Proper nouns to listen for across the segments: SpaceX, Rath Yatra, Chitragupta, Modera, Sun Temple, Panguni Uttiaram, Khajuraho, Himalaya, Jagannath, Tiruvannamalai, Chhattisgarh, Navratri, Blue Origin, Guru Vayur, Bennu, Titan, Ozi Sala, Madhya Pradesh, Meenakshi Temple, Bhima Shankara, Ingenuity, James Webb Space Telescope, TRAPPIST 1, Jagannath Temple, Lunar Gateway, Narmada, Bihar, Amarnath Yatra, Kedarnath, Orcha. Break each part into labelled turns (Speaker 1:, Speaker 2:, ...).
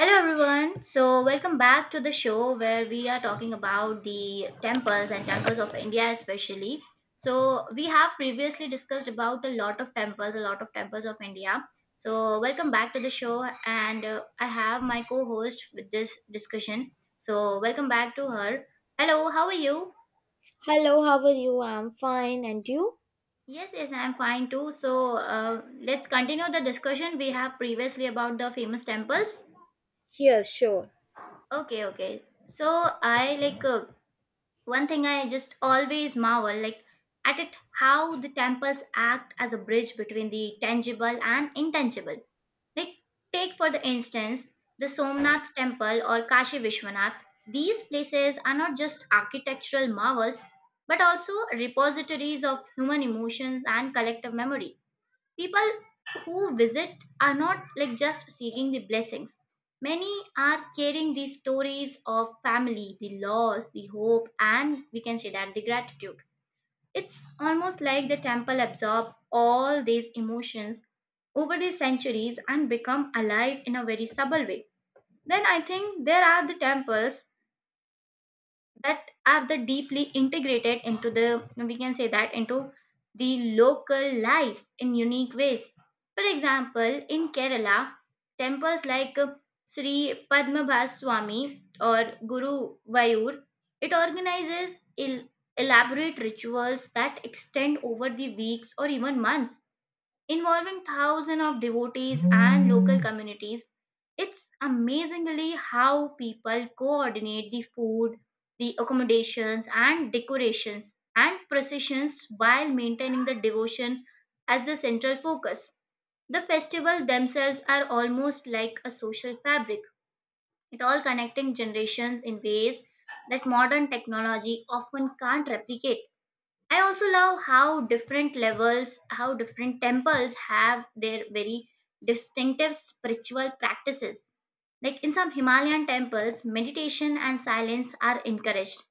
Speaker 1: Hello everyone. So welcome back to the show where we are talking about the temples and temples of India especially. So we have previously discussed about a lot of temples, a lot of temples of India. So welcome back to the show, and I have my co-host with this discussion. So welcome back to her. Hello, how are you?
Speaker 2: Hello, how are you? I'm fine, and you?
Speaker 1: Yes, yes, I'm fine too. So let's continue the discussion we have previously about the famous temples.
Speaker 2: Yeah, sure.
Speaker 1: Okay, okay. So I like one thing I just always marvel like at it how the temples act as a bridge between the tangible and intangible. Like, take for the instance the Somnath temple or Kashi Vishwanath. These places are not just architectural marvels but also repositories of human emotions and collective memory. People who visit are not like just seeking the blessings. Many are carrying the stories of family, the loss, the hope, and we can say that the gratitude. It's almost like the temple absorb all these emotions over the centuries and become alive in a very subtle way. Then I think there are the temples that are the deeply integrated into the, we can say that, into the local life in unique ways. For example, in Kerala, temples like Sri Padmabha Swami or Guru Vayur, it organizes el- elaborate rituals that extend over the weeks or even months, involving thousands of devotees and local communities. It's amazingly how people coordinate the food, the accommodations, and decorations and processions while maintaining the devotion as the central focus. The festivals themselves are almost like a social fabric, it all connecting generations in ways that modern technology often can't replicate. I also love how different levels, how different temples have their very distinctive spiritual practices. Like in some Himalayan temples, meditation and silence are encouraged,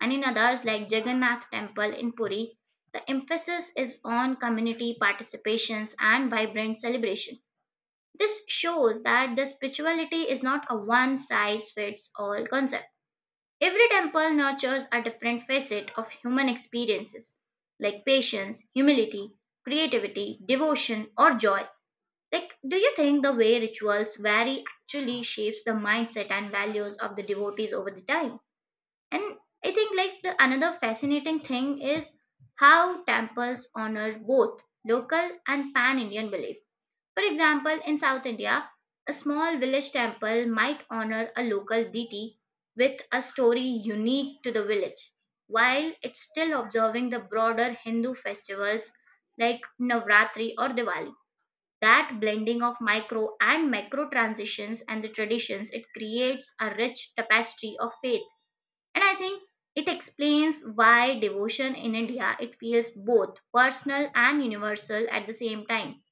Speaker 1: and in others, like Jagannath Temple in Puri, the emphasis is on community participations and vibrant celebration. This shows that the spirituality is not a one size fits all concept. Every temple nurtures a different facet of human experiences, like patience, humility, creativity, devotion, or joy. Like, do you think the way rituals vary actually shapes the mindset and values of the devotees over the time? And I think like the another fascinating thing is how temples honor both local and pan-Indian beliefs. For example, in South India, a small village temple might honor a local deity with a story unique to the village, while it's still observing the broader Hindu festivals like Navratri or Diwali. That blending of micro and macro transitions and the traditions, it creates a rich tapestry of faith. And I think it explains why devotion in India, it feels both personal and universal at the same time.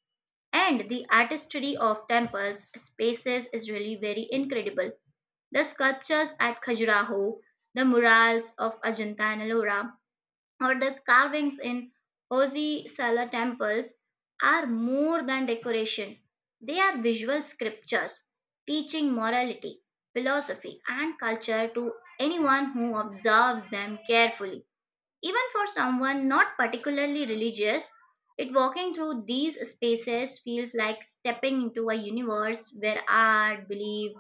Speaker 1: And the artistry of temples spaces is really very incredible. The sculptures at Khajuraho, the murals of Ajanta and Ellora, or the carvings in Ozi Sala temples are more than decoration. They are visual scriptures teaching morality, philosophy, and culture to anyone who observes them carefully. Even for someone not particularly religious, it walking through these spaces feels like stepping into a universe where art, belief,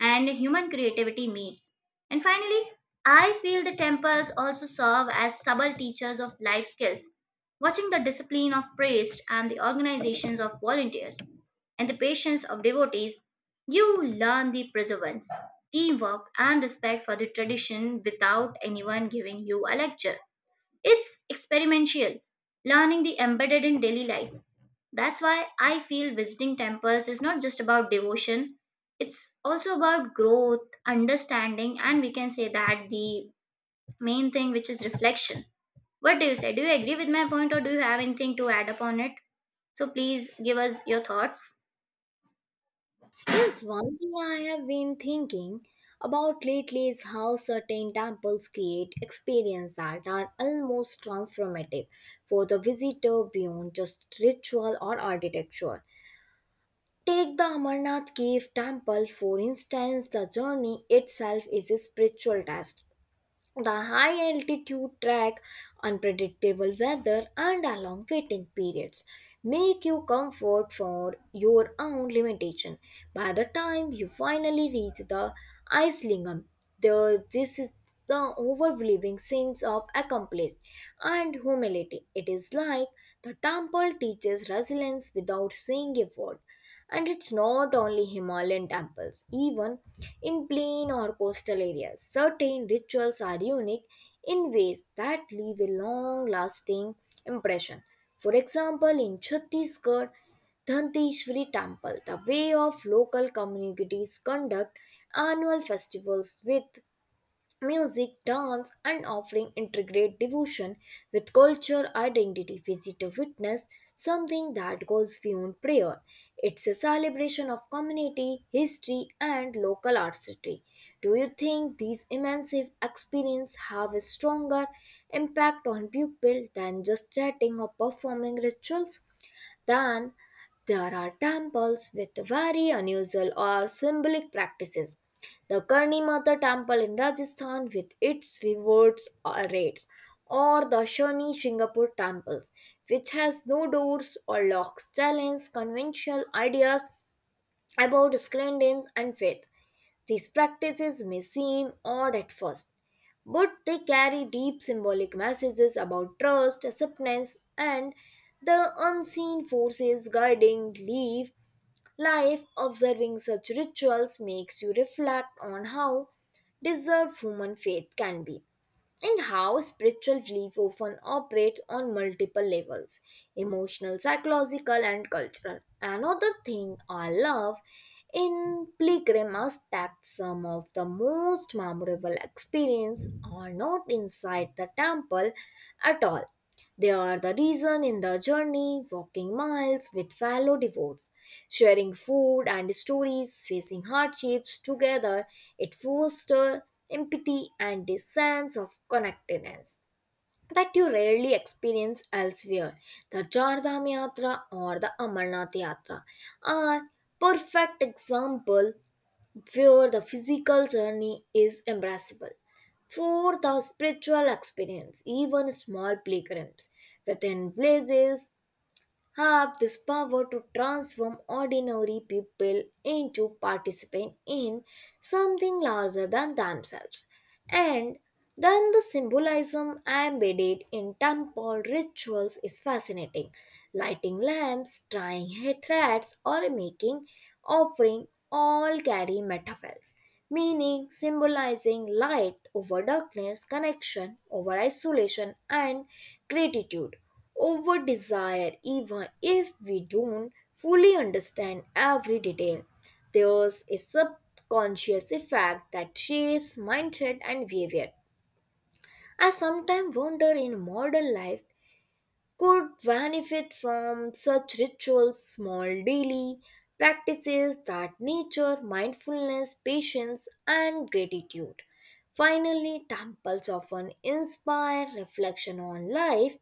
Speaker 1: and human creativity meets. And finally, I feel the temples also serve as subtle teachers of life skills. Watching the discipline of priests and the organizations of volunteers and the patience of devotees, you learn the perseverance, teamwork, and respect for the tradition without anyone giving you a lecture. It's experimental, learning the embedded in daily life. That's why I feel visiting temples is not just about devotion, it's also about growth, understanding, and we can say that the main thing, which is reflection. What do you say? Do you agree with my point, or do you have anything to add upon it? So please give us your thoughts.
Speaker 2: Yes, one thing I have been thinking about lately is how certain temples create experiences that are almost transformative for the visitor beyond just ritual or architecture. Take the Amarnath Cave Temple, for instance. The journey itself is a spiritual test. The high altitude track, unpredictable weather, and long waiting periods make you comfort for your own limitation. By the time you finally reach the Islington, this is the overwhelming sense of accomplished and humility. It is like the temple teaches resilience without saying a word. And it's not only Himalayan temples, even in plain or coastal areas, certain rituals are unique in ways that leave a long lasting impression. For example, in Chhattisgarh, Dhanteshwari Temple, the way of local communities conduct annual festivals with music, dance, and offering integrate devotion with culture identity. Visit witness something that goes beyond prayer. It's a celebration of community, history, and local artistry. Do you think these immense experiences have a stronger impact on people than just chatting or performing rituals? Then there are temples with very unusual or symbolic practices. The Karni Mata temple in Rajasthan with its rewards or rates, or the Shani Singapore temples, which has no doors or locks, challenge conventional ideas about cleanliness and faith. These practices may seem odd at first, but they carry deep symbolic messages about trust, acceptance, and the unseen forces guiding belief. Life observing such rituals makes you reflect on how deserved human faith can be, and how spiritual belief often operates on multiple levels: emotional, psychological, and cultural. Another thing I love in pilgrim aspect, some of the most memorable experiences are not inside the temple at all, they are the reason in the journey, walking miles with fellow devotees, sharing food and stories, facing hardships together. It fosters empathy and a sense of connectedness that you rarely experience elsewhere. The Char Dham Yatra or the Amarnath Yatra are perfect example where the physical journey is embraceable. For the spiritual experience, even small playgrounds within places have this power to transform ordinary people into participants in something larger than themselves. And then the symbolism embedded in temple rituals is fascinating. Lighting lamps, tying hair threads, or making offering all carry metaphors, meaning symbolizing light over darkness, connection over isolation, and gratitude over desire, even if we don't fully understand every detail. There's a subconscious effect that shapes mindset and behavior. I sometimes wonder in modern life could benefit from such rituals, small daily practices that nature, mindfulness, patience, and gratitude. Finally, temples often inspire reflection on life,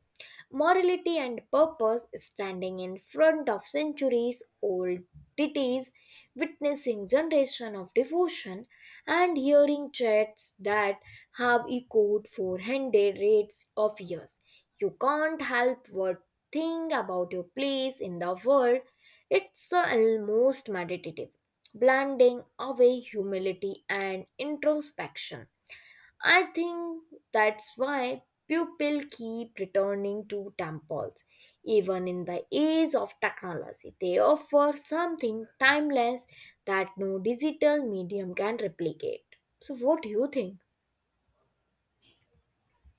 Speaker 2: morality, and purpose, standing in front of centuries old deities, witnessing generation of devotion and hearing threats that have echoed for hundreds of years. You can't help but think about your place in the world. It's almost meditative, blending away humility and introspection. I think that's why people keep returning to temples. Even in the age of technology, they offer something timeless that no digital medium can replicate. So, what do you think?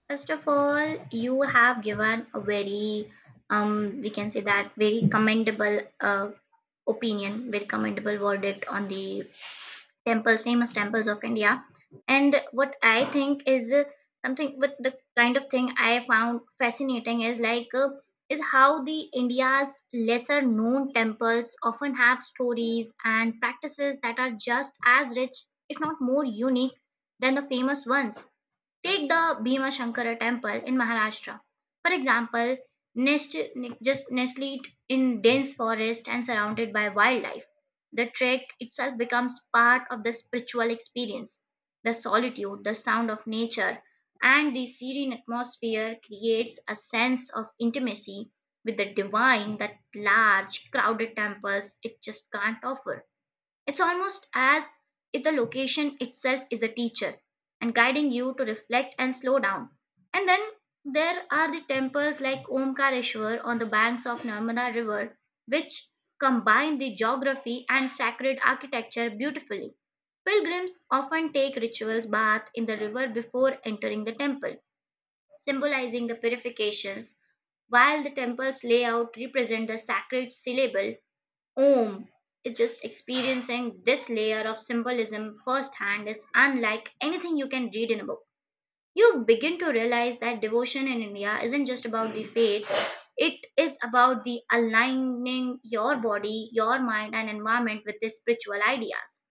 Speaker 1: First of all, you have given a very, we can say that very commendable opinion, very commendable verdict on the temples, famous temples of India. And what I think is something, what the kind of thing I found fascinating is like is how the India's lesser known temples often have stories and practices that are just as rich, if not more unique, than the famous ones. Take the Bhima Shankara temple in Maharashtra, for example, nest, just nestled in dense forest and surrounded by wildlife, the trek itself becomes part of the spiritual experience. The solitude, the sound of nature, and the serene atmosphere creates a sense of intimacy with the divine that large, crowded temples it just can't offer. It's almost as if the location itself is a teacher and guiding you to reflect and slow down. And then there are the temples like Omkareshwar on the banks of Narmada River, which combine the geography and sacred architecture beautifully. Pilgrims often take rituals bath in the river before entering the temple, symbolizing the purifications, while the temple's layout represents the sacred syllable Om. Is just experiencing this layer of symbolism firsthand is unlike anything you can read in a book. You begin to realize that devotion in India isn't just about the faith, it is about the aligning your body, your mind, and environment with the spiritual ideas.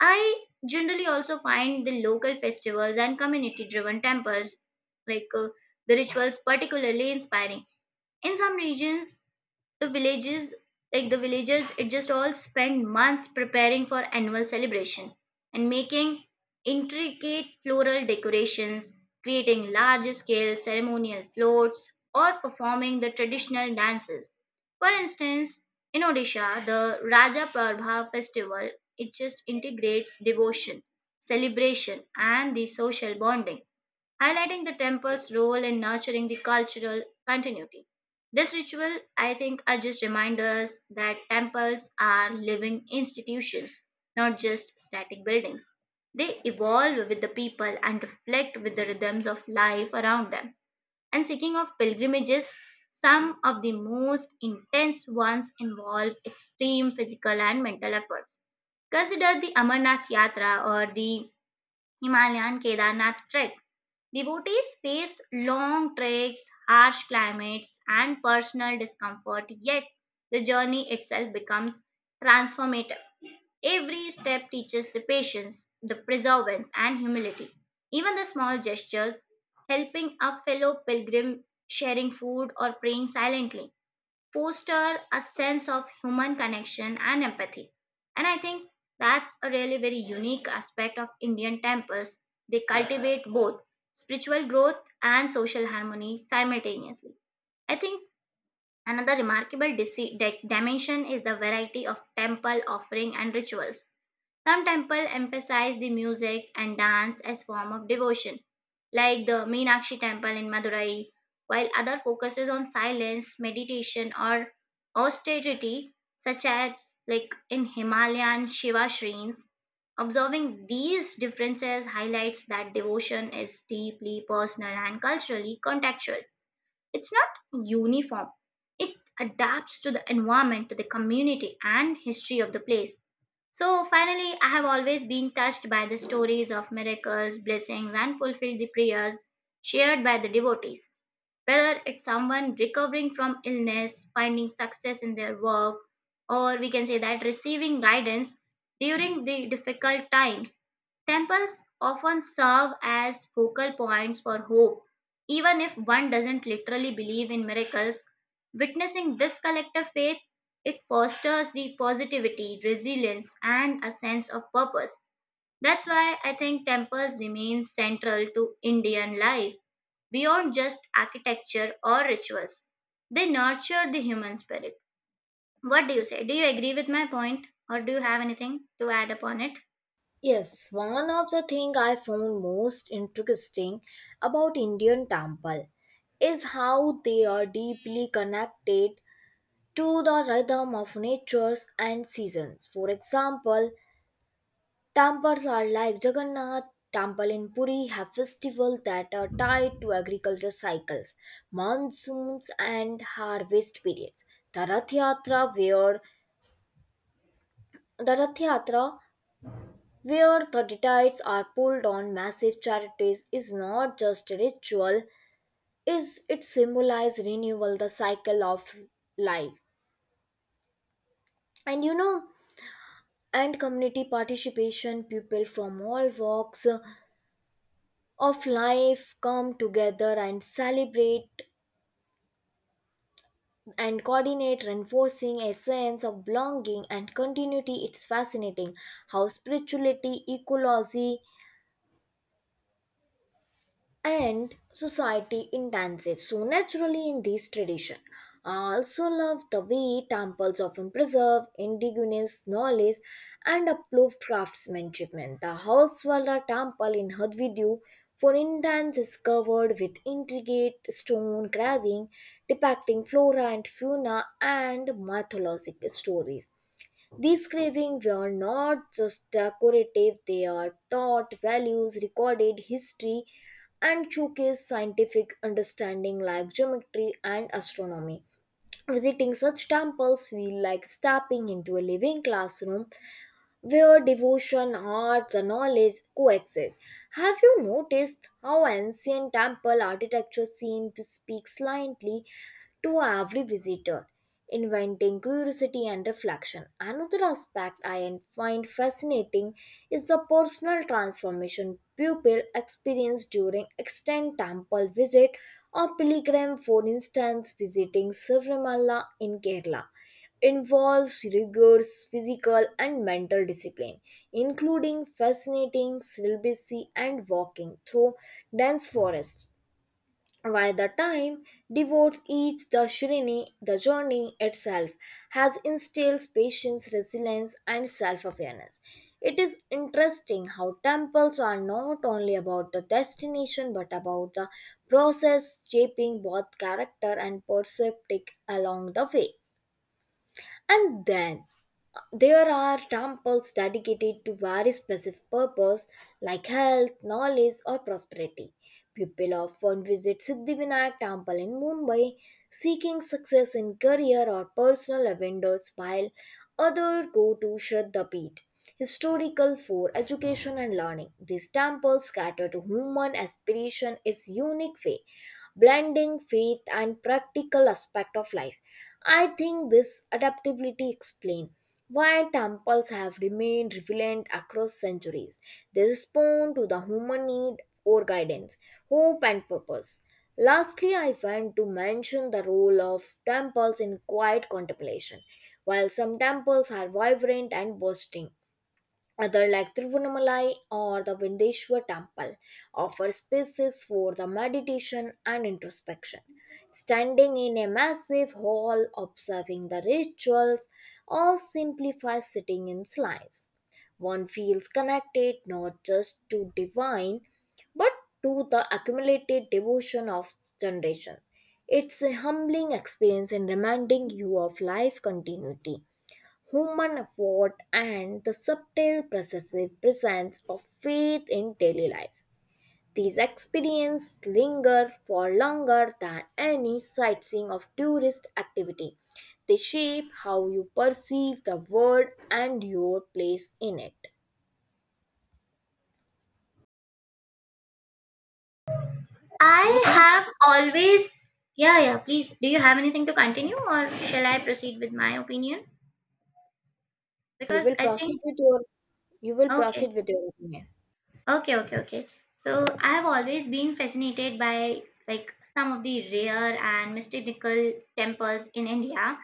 Speaker 1: I generally also find the local festivals and community driven temples, like the rituals, particularly inspiring. In some regions, the villages, like the villagers, it just all spend months preparing for annual celebration and making intricate floral decorations, creating large scale ceremonial floats or performing the traditional dances. For instance, in Odisha, the Raja Prabha festival, it just integrates devotion, celebration, and the social bonding, highlighting the temple's role in nurturing the cultural continuity. This ritual, I think, are just reminders that temples are living institutions, not just static buildings. They evolve with the people and reflect with the rhythms of life around them. And speaking of pilgrimages, some of the most intense ones involve extreme physical and mental efforts. Consider the Amarnath Yatra or the Himalayan Kedarnath trek. Devotees face long treks, harsh climates, and personal discomfort, yet the journey itself becomes transformative. Every step teaches the patience, the perseverance, and humility. Even the small gestures, helping a fellow pilgrim, sharing food, or praying silently, foster a sense of human connection and empathy. And I think that's a really very unique aspect of Indian temples. They cultivate both spiritual growth and social harmony simultaneously. I think another remarkable dimension is the variety of temple offering and rituals. Some temples emphasize the music and dance as form of devotion like the Meenakshi Temple in Madurai, while other focuses on silence, meditation, or austerity, such as like in Himalayan Shiva shrines. Observing these differences highlights that devotion is deeply personal and culturally contextual. It's not uniform. It adapts to the environment, to the community, and history of the place. So finally, I have always been touched by the stories of miracles, blessings, and fulfilled the prayers shared by the devotees, whether it's someone recovering from illness, finding success in their work, or we can say that receiving guidance during the difficult times. Temples often serve as focal points for hope. Even if one doesn't literally believe in miracles, witnessing this collective faith, it fosters the positivity, resilience, and a sense of purpose. That's why I think temples remain central to Indian life beyond just architecture or rituals. They nurture the human spirit. What do you say? Do you agree with my point or do you have anything to add upon it?
Speaker 2: Yes, one of the things I found most interesting about Indian temple is how they are deeply connected to the rhythm of natures and seasons. For example, temples are like Jagannath temple in Puri have festivals that are tied to agriculture cycles, monsoons and harvest periods. The Rath Yatra where the Rath Yatra the deities are pulled on massive charities is not just a ritual, is it symbolizes renewal, the cycle of life. And you know, and community participation, people from all walks of life come together and celebrate and coordinate, reinforcing a sense of belonging and continuity. It's fascinating how spirituality, ecology, and society intensive. So naturally in this tradition. I also love the way temples often preserve indigenous knowledge and approved craftsmanship. Man, the Housewaller temple in Hadvidu, for instance, is covered with intricate stone carving depicting flora and fauna and mythological stories. These cravings were not just decorative, they are taught values, recorded history, and showcase scientific understanding like geometry and astronomy. Visiting such temples feel like stepping into a living classroom where devotion, art, and knowledge coexist. Have you noticed how ancient temple architecture seemed to speak silently to every visitor, inventing curiosity and reflection. Another aspect I find fascinating is the personal transformation pupil experience during extended temple visit or pilgrim, for instance, visiting Savimala in Kerala involves rigorous physical and mental discipline, including fascinating celibacy and walking through dense forests while the time devotes each the journey itself has instills patience, resilience, and self-awareness. It is interesting how temples are not only about the destination but about the process shaping both character and perceptic along the way. And then there are temples dedicated to very specific purpose like health, knowledge or prosperity. People often visit Siddhivinayak temple in Mumbai seeking success in career or personal endeavors, while others go to Shraddha Peeth, historical for education and learning. These temples cater to human aspiration in a unique way, blending faith and practical aspect of life. I think this adaptability explains why temples have remained relevant across centuries. They respond to the human need for guidance, hope, and purpose. Lastly, I want to mention the role of temples in quiet contemplation. While some temples are vibrant and boasting, other like Tiruvannamalai or the Vindeshwar temple offer spaces for the meditation and introspection. Standing in a massive hall, observing the rituals, or simplify sitting in silence. One feels connected not just to divine but to the accumulated devotion of generation. It's a humbling experience and reminding you of life continuity, human effort, and the subtle possessive presence of faith in daily life. These experiences linger for longer than any sightseeing of tourist activity. They shape how you perceive the world and your place in it. You
Speaker 1: I
Speaker 2: think
Speaker 1: have always. Yeah, yeah, please. Do you have anything to continue or shall I proceed with my opinion?
Speaker 2: you
Speaker 1: Because
Speaker 2: will
Speaker 1: I
Speaker 2: proceed
Speaker 1: think.
Speaker 2: with your you will
Speaker 1: Okay,
Speaker 2: proceed with your opinion.
Speaker 1: okay. So I have always been fascinated by like some of the rare and mystical temples in India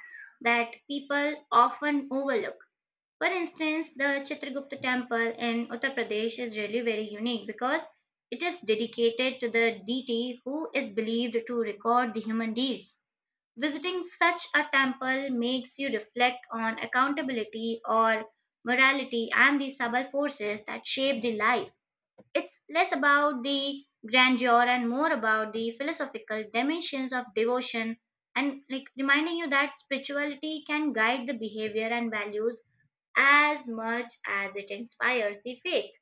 Speaker 1: that people often overlook. For instance, the Chitragupta temple in Uttar Pradesh is really very unique because it is dedicated to the deity who is believed to record the human deeds. Visiting such a temple makes you reflect on accountability or morality and the subtle forces that shape the life. It's less about the grandeur and more about the philosophical dimensions of devotion, and like reminding you that spirituality can guide the behavior and values as much as it inspires the faith.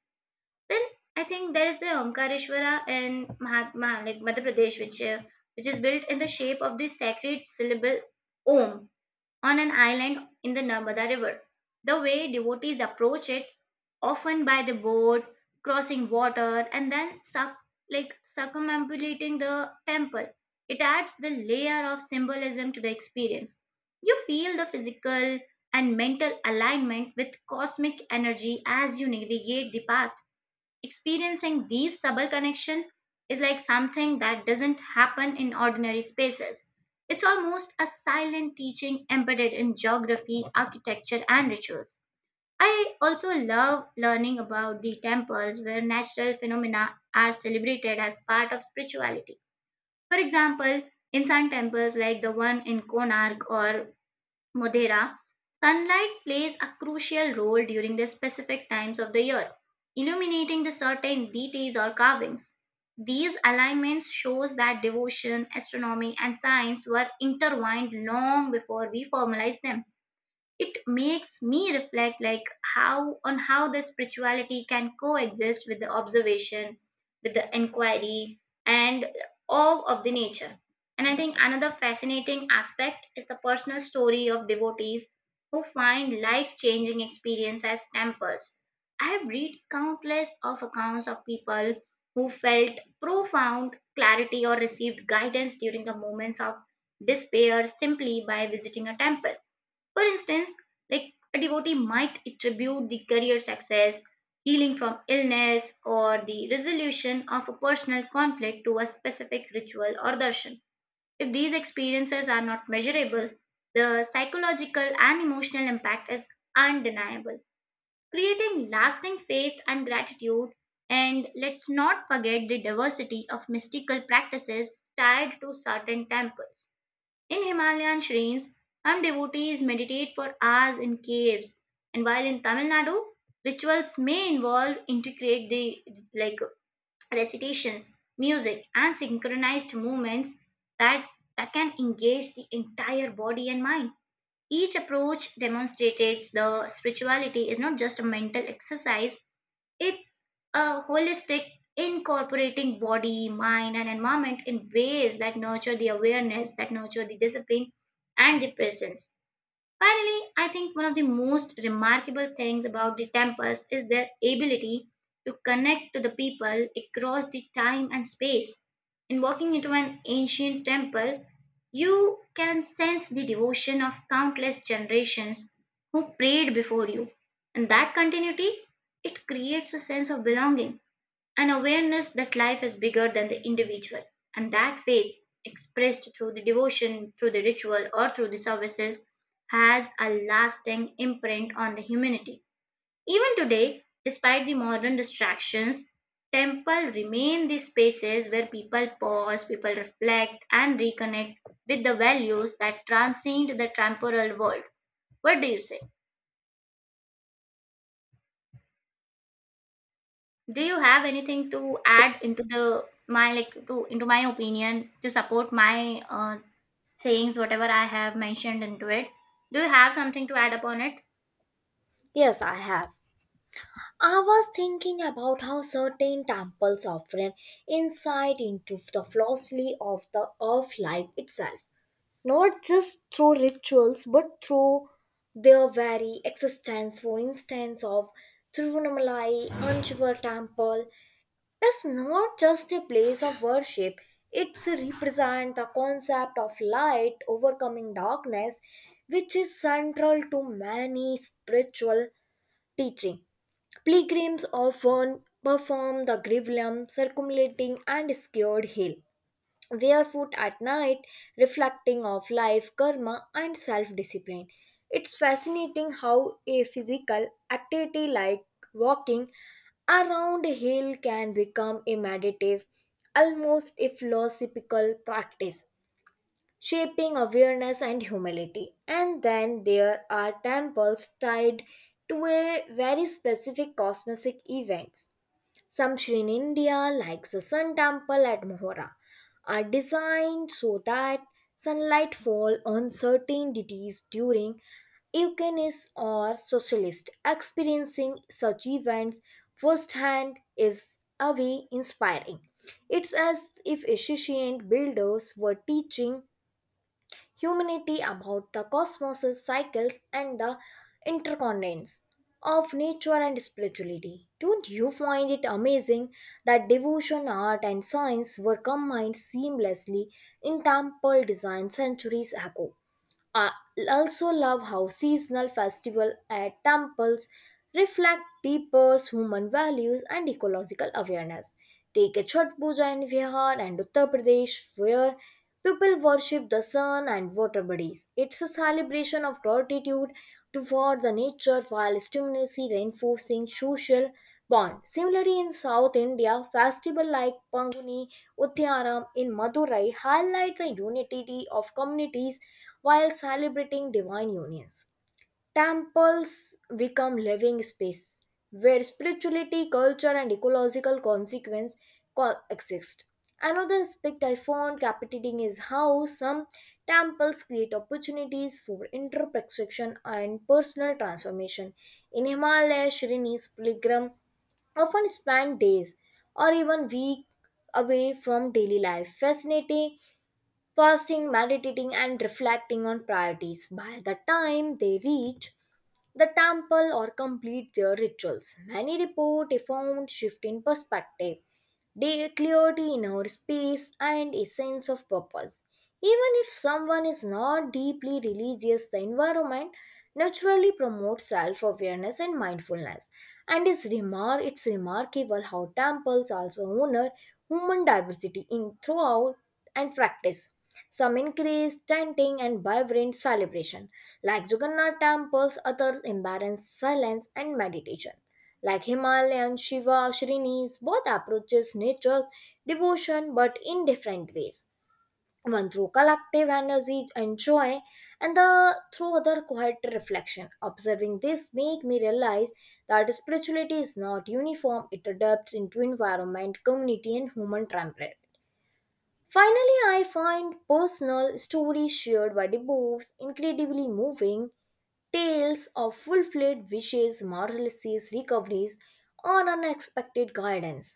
Speaker 1: Then I think there is the Omkareshwara in Mahatma, like Madhya Pradesh, which is built in the shape of the sacred syllable Om, on an island in the Narmada River. The way devotees approach it, often by the boat, crossing water, and then suck, like circumambulating the temple, it adds the layer of symbolism to the experience. You feel the physical and mental alignment with cosmic energy as you navigate the path. Experiencing these subtle connections is like something that doesn't happen in ordinary spaces. It's almost a silent teaching embedded in geography, architecture, and rituals. I also love learning about the temples where natural phenomena are celebrated as part of spirituality. For example, in some temples like the one in Konark or Modera, sunlight plays a crucial role during the specific times of the year, illuminating the certain deities or carvings. These alignments shows that devotion, astronomy and science were intertwined long before we formalized them. It makes me reflect like how on how the spirituality can coexist with the observation, with the inquiry, and all of the nature. And I think another fascinating aspect is the personal story of devotees who find life changing experience as temples. I have read countless of accounts of people who felt profound clarity or received guidance during the moments of despair simply by visiting a temple. For instance, like a devotee might attribute the career success, healing from illness, or the resolution of a personal conflict to a specific ritual or darshan. If these experiences are not measurable, the psychological and emotional impact is undeniable, creating lasting faith and gratitude. And let's not forget the diversity of mystical practices tied to certain temples. In Himalayan shrines, some devotees meditate for hours in caves, and while in Tamil Nadu, rituals may involve integrate the like recitations, music, and synchronized movements that can engage the entire body and mind. Each approach demonstrates the spirituality is not just a mental exercise, it's a holistic, incorporating body, mind, and environment in ways that nurture the awareness, that nurture the discipline and the presence. Finally, I think one of the most remarkable things about the temples is their ability to connect to the people across the time and space. In walking into an ancient temple, you can sense the devotion of countless generations who prayed before you. And that continuity, it creates a sense of belonging, an awareness that life is bigger than the individual. And that faith, expressed through the devotion, through the ritual, or through the services, has a lasting imprint on the humanity. Even today, despite the modern distractions, temple remain the spaces where people pause, people reflect, and reconnect with the values that transcend the temporal world. What do you say? Do you have anything to add into the my like to into my opinion to support my sayings whatever I have mentioned into it? Do you have something to add upon it?
Speaker 2: Yes, I have. I was thinking about how certain temples offer an insight into the philosophy of the of life itself, not just through rituals but through their very existence. For instance, of Tirunamalai Anjivar Temple is not just a place of worship; it represents the concept of light overcoming darkness, which is central to many spiritual teaching. Pilgrims often perform the Grivalam, circumlating and scared hill, barefoot at night, reflecting of life, karma, and self-discipline. It's fascinating how a physical activity like walking around a hill can become a meditative, almost a philosophical practice shaping awareness and humility. And then there are temples tied to a very specific cosmic events. Some Sri in India, like the Sun Temple at Mohora, are designed so that sunlight fall on certain deities during Eucharis or socialist. Experiencing such events firsthand is a way inspiring. It's as if ancient builders were teaching humanity about the cosmos' cycles and the interconnections of nature and spirituality. Don't you find it amazing that devotion, art, and science were combined seamlessly in temple design centuries ago? I also love how seasonal festivals at temples reflect deeper human values and ecological awareness. Take a Chhat Puja in Bihar and Uttar Pradesh, where people worship the sun and water bodies. It's a celebration of gratitude toward the nature while stimulating reinforcing social bond. Similarly, in South India, festivals like Panguni Uttiaram in Madurai highlight the unity of communities while celebrating divine unions. Temples become living space where spirituality, culture, and ecological consequence coexist. Another aspect I found captivating is how some temples create opportunities for introspection and personal transformation. In Himalaya, Shrinis pilgrims often spend days or even weeks away from daily life, fascinating fasting, meditating, and reflecting on priorities. By the time they reach the temple or complete their rituals, many report a profound shift in perspective, day clarity in our space, and a sense of purpose. Even if someone is not deeply religious, the environment naturally promotes self-awareness and mindfulness. And it's remarkable how temples also honor human diversity in throughout and practice. Some increase chanting and vibrant celebration, like Jagannath temples, others embrace silence and meditation. Like Himalayan Shiva Shrinis, both approaches nature's devotion but in different ways. One through collective energy and joy, and the through other quiet reflection. Observing this make me realize that spirituality is not uniform; it adapts into environment, community, and human temperament. Finally, I find personal stories shared by the books incredibly moving. Tales of fulfilled wishes, marvelous recoveries, or unexpected guidance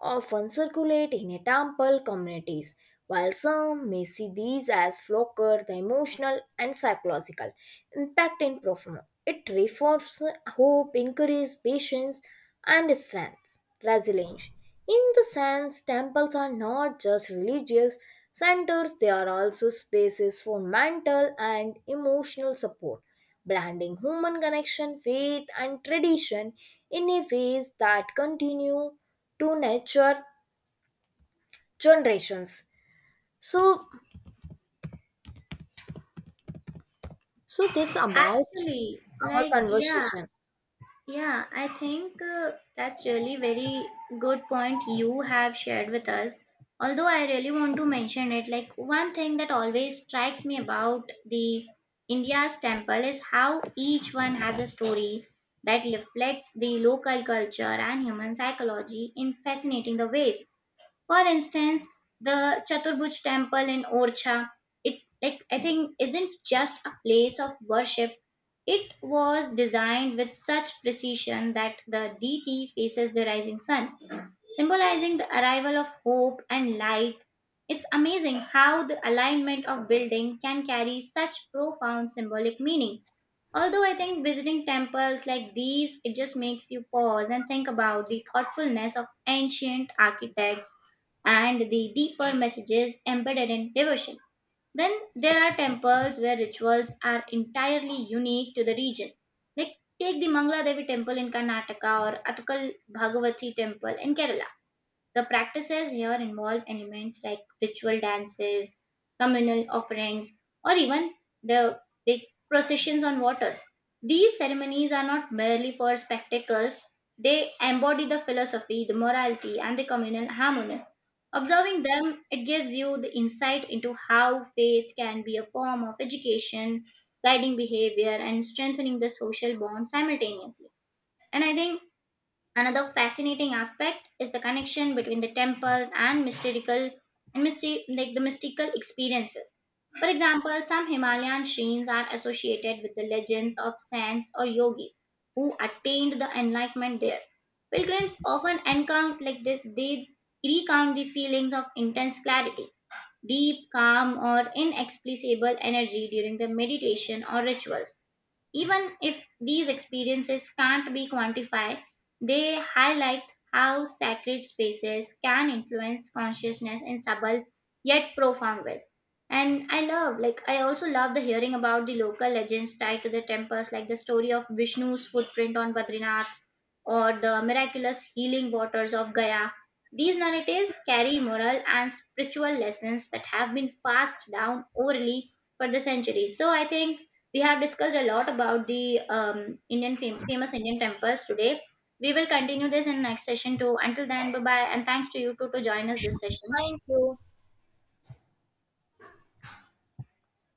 Speaker 2: often circulate in a temple communities. While some may see these as flocker, the emotional and psychological impact in profound. It reforms hope, encourages patience and strength, resilience. In the sense, temples are not just religious centers, they are also spaces for mental and emotional support blending human connection, faith, and tradition in a ways that continue to nurture generations. So, this about
Speaker 1: Actually,
Speaker 2: our
Speaker 1: like, yeah.
Speaker 2: conversation.
Speaker 1: Yeah, I think that's really very good point you have shared with us. Although I really want to mention it, like one thing that always strikes me about the India's temple is how each one has a story that reflects the local culture and human psychology in fascinating the ways. For instance, the Chaturbhuj temple in Orcha, it like I think isn't just a place of worship. It was designed with such precision that the deity faces the rising sun, symbolizing the arrival of hope and light. It's amazing how the alignment of building can carry such profound symbolic meaning. Although I think visiting temples like these, it just makes you pause and think about the thoughtfulness of ancient architects and the deeper messages embedded in devotion. Then there are temples where rituals are entirely unique to the region. Like take the Mangla Devi temple in Karnataka or Atkal Bhagavathi temple in Kerala, the practices here involve elements like ritual dances, communal offerings, or even the big processions on water. These ceremonies are not merely for spectacles, they embody the philosophy, the morality, and the communal harmony. Observing them, it gives you the insight into how faith can be a form of education, guiding behavior, and strengthening the social bond simultaneously. And I think another fascinating aspect is the connection between the temples and mystical like the mystical experiences. For example, some Himalayan shrines are associated with the legends of saints or yogis who attained the enlightenment there. Pilgrims often encounter like they recount the feelings of intense clarity, deep calm, or inexplicable energy during the meditation or rituals. Even if these experiences can't be quantified, they highlight how sacred spaces can influence consciousness in subtle yet profound ways. And I love, like, I also love the hearing about the local legends tied to the temples, like the story of Vishnu's footprint on Badrinath or the miraculous healing waters of Gaya. These narratives carry moral and spiritual lessons that have been passed down orally for the centuries. So I think we have discussed a lot about the Indian famous Indian temples today. We will continue this in next session too. Until then, bye bye, and thanks to you too to join us this session.
Speaker 2: Thank you.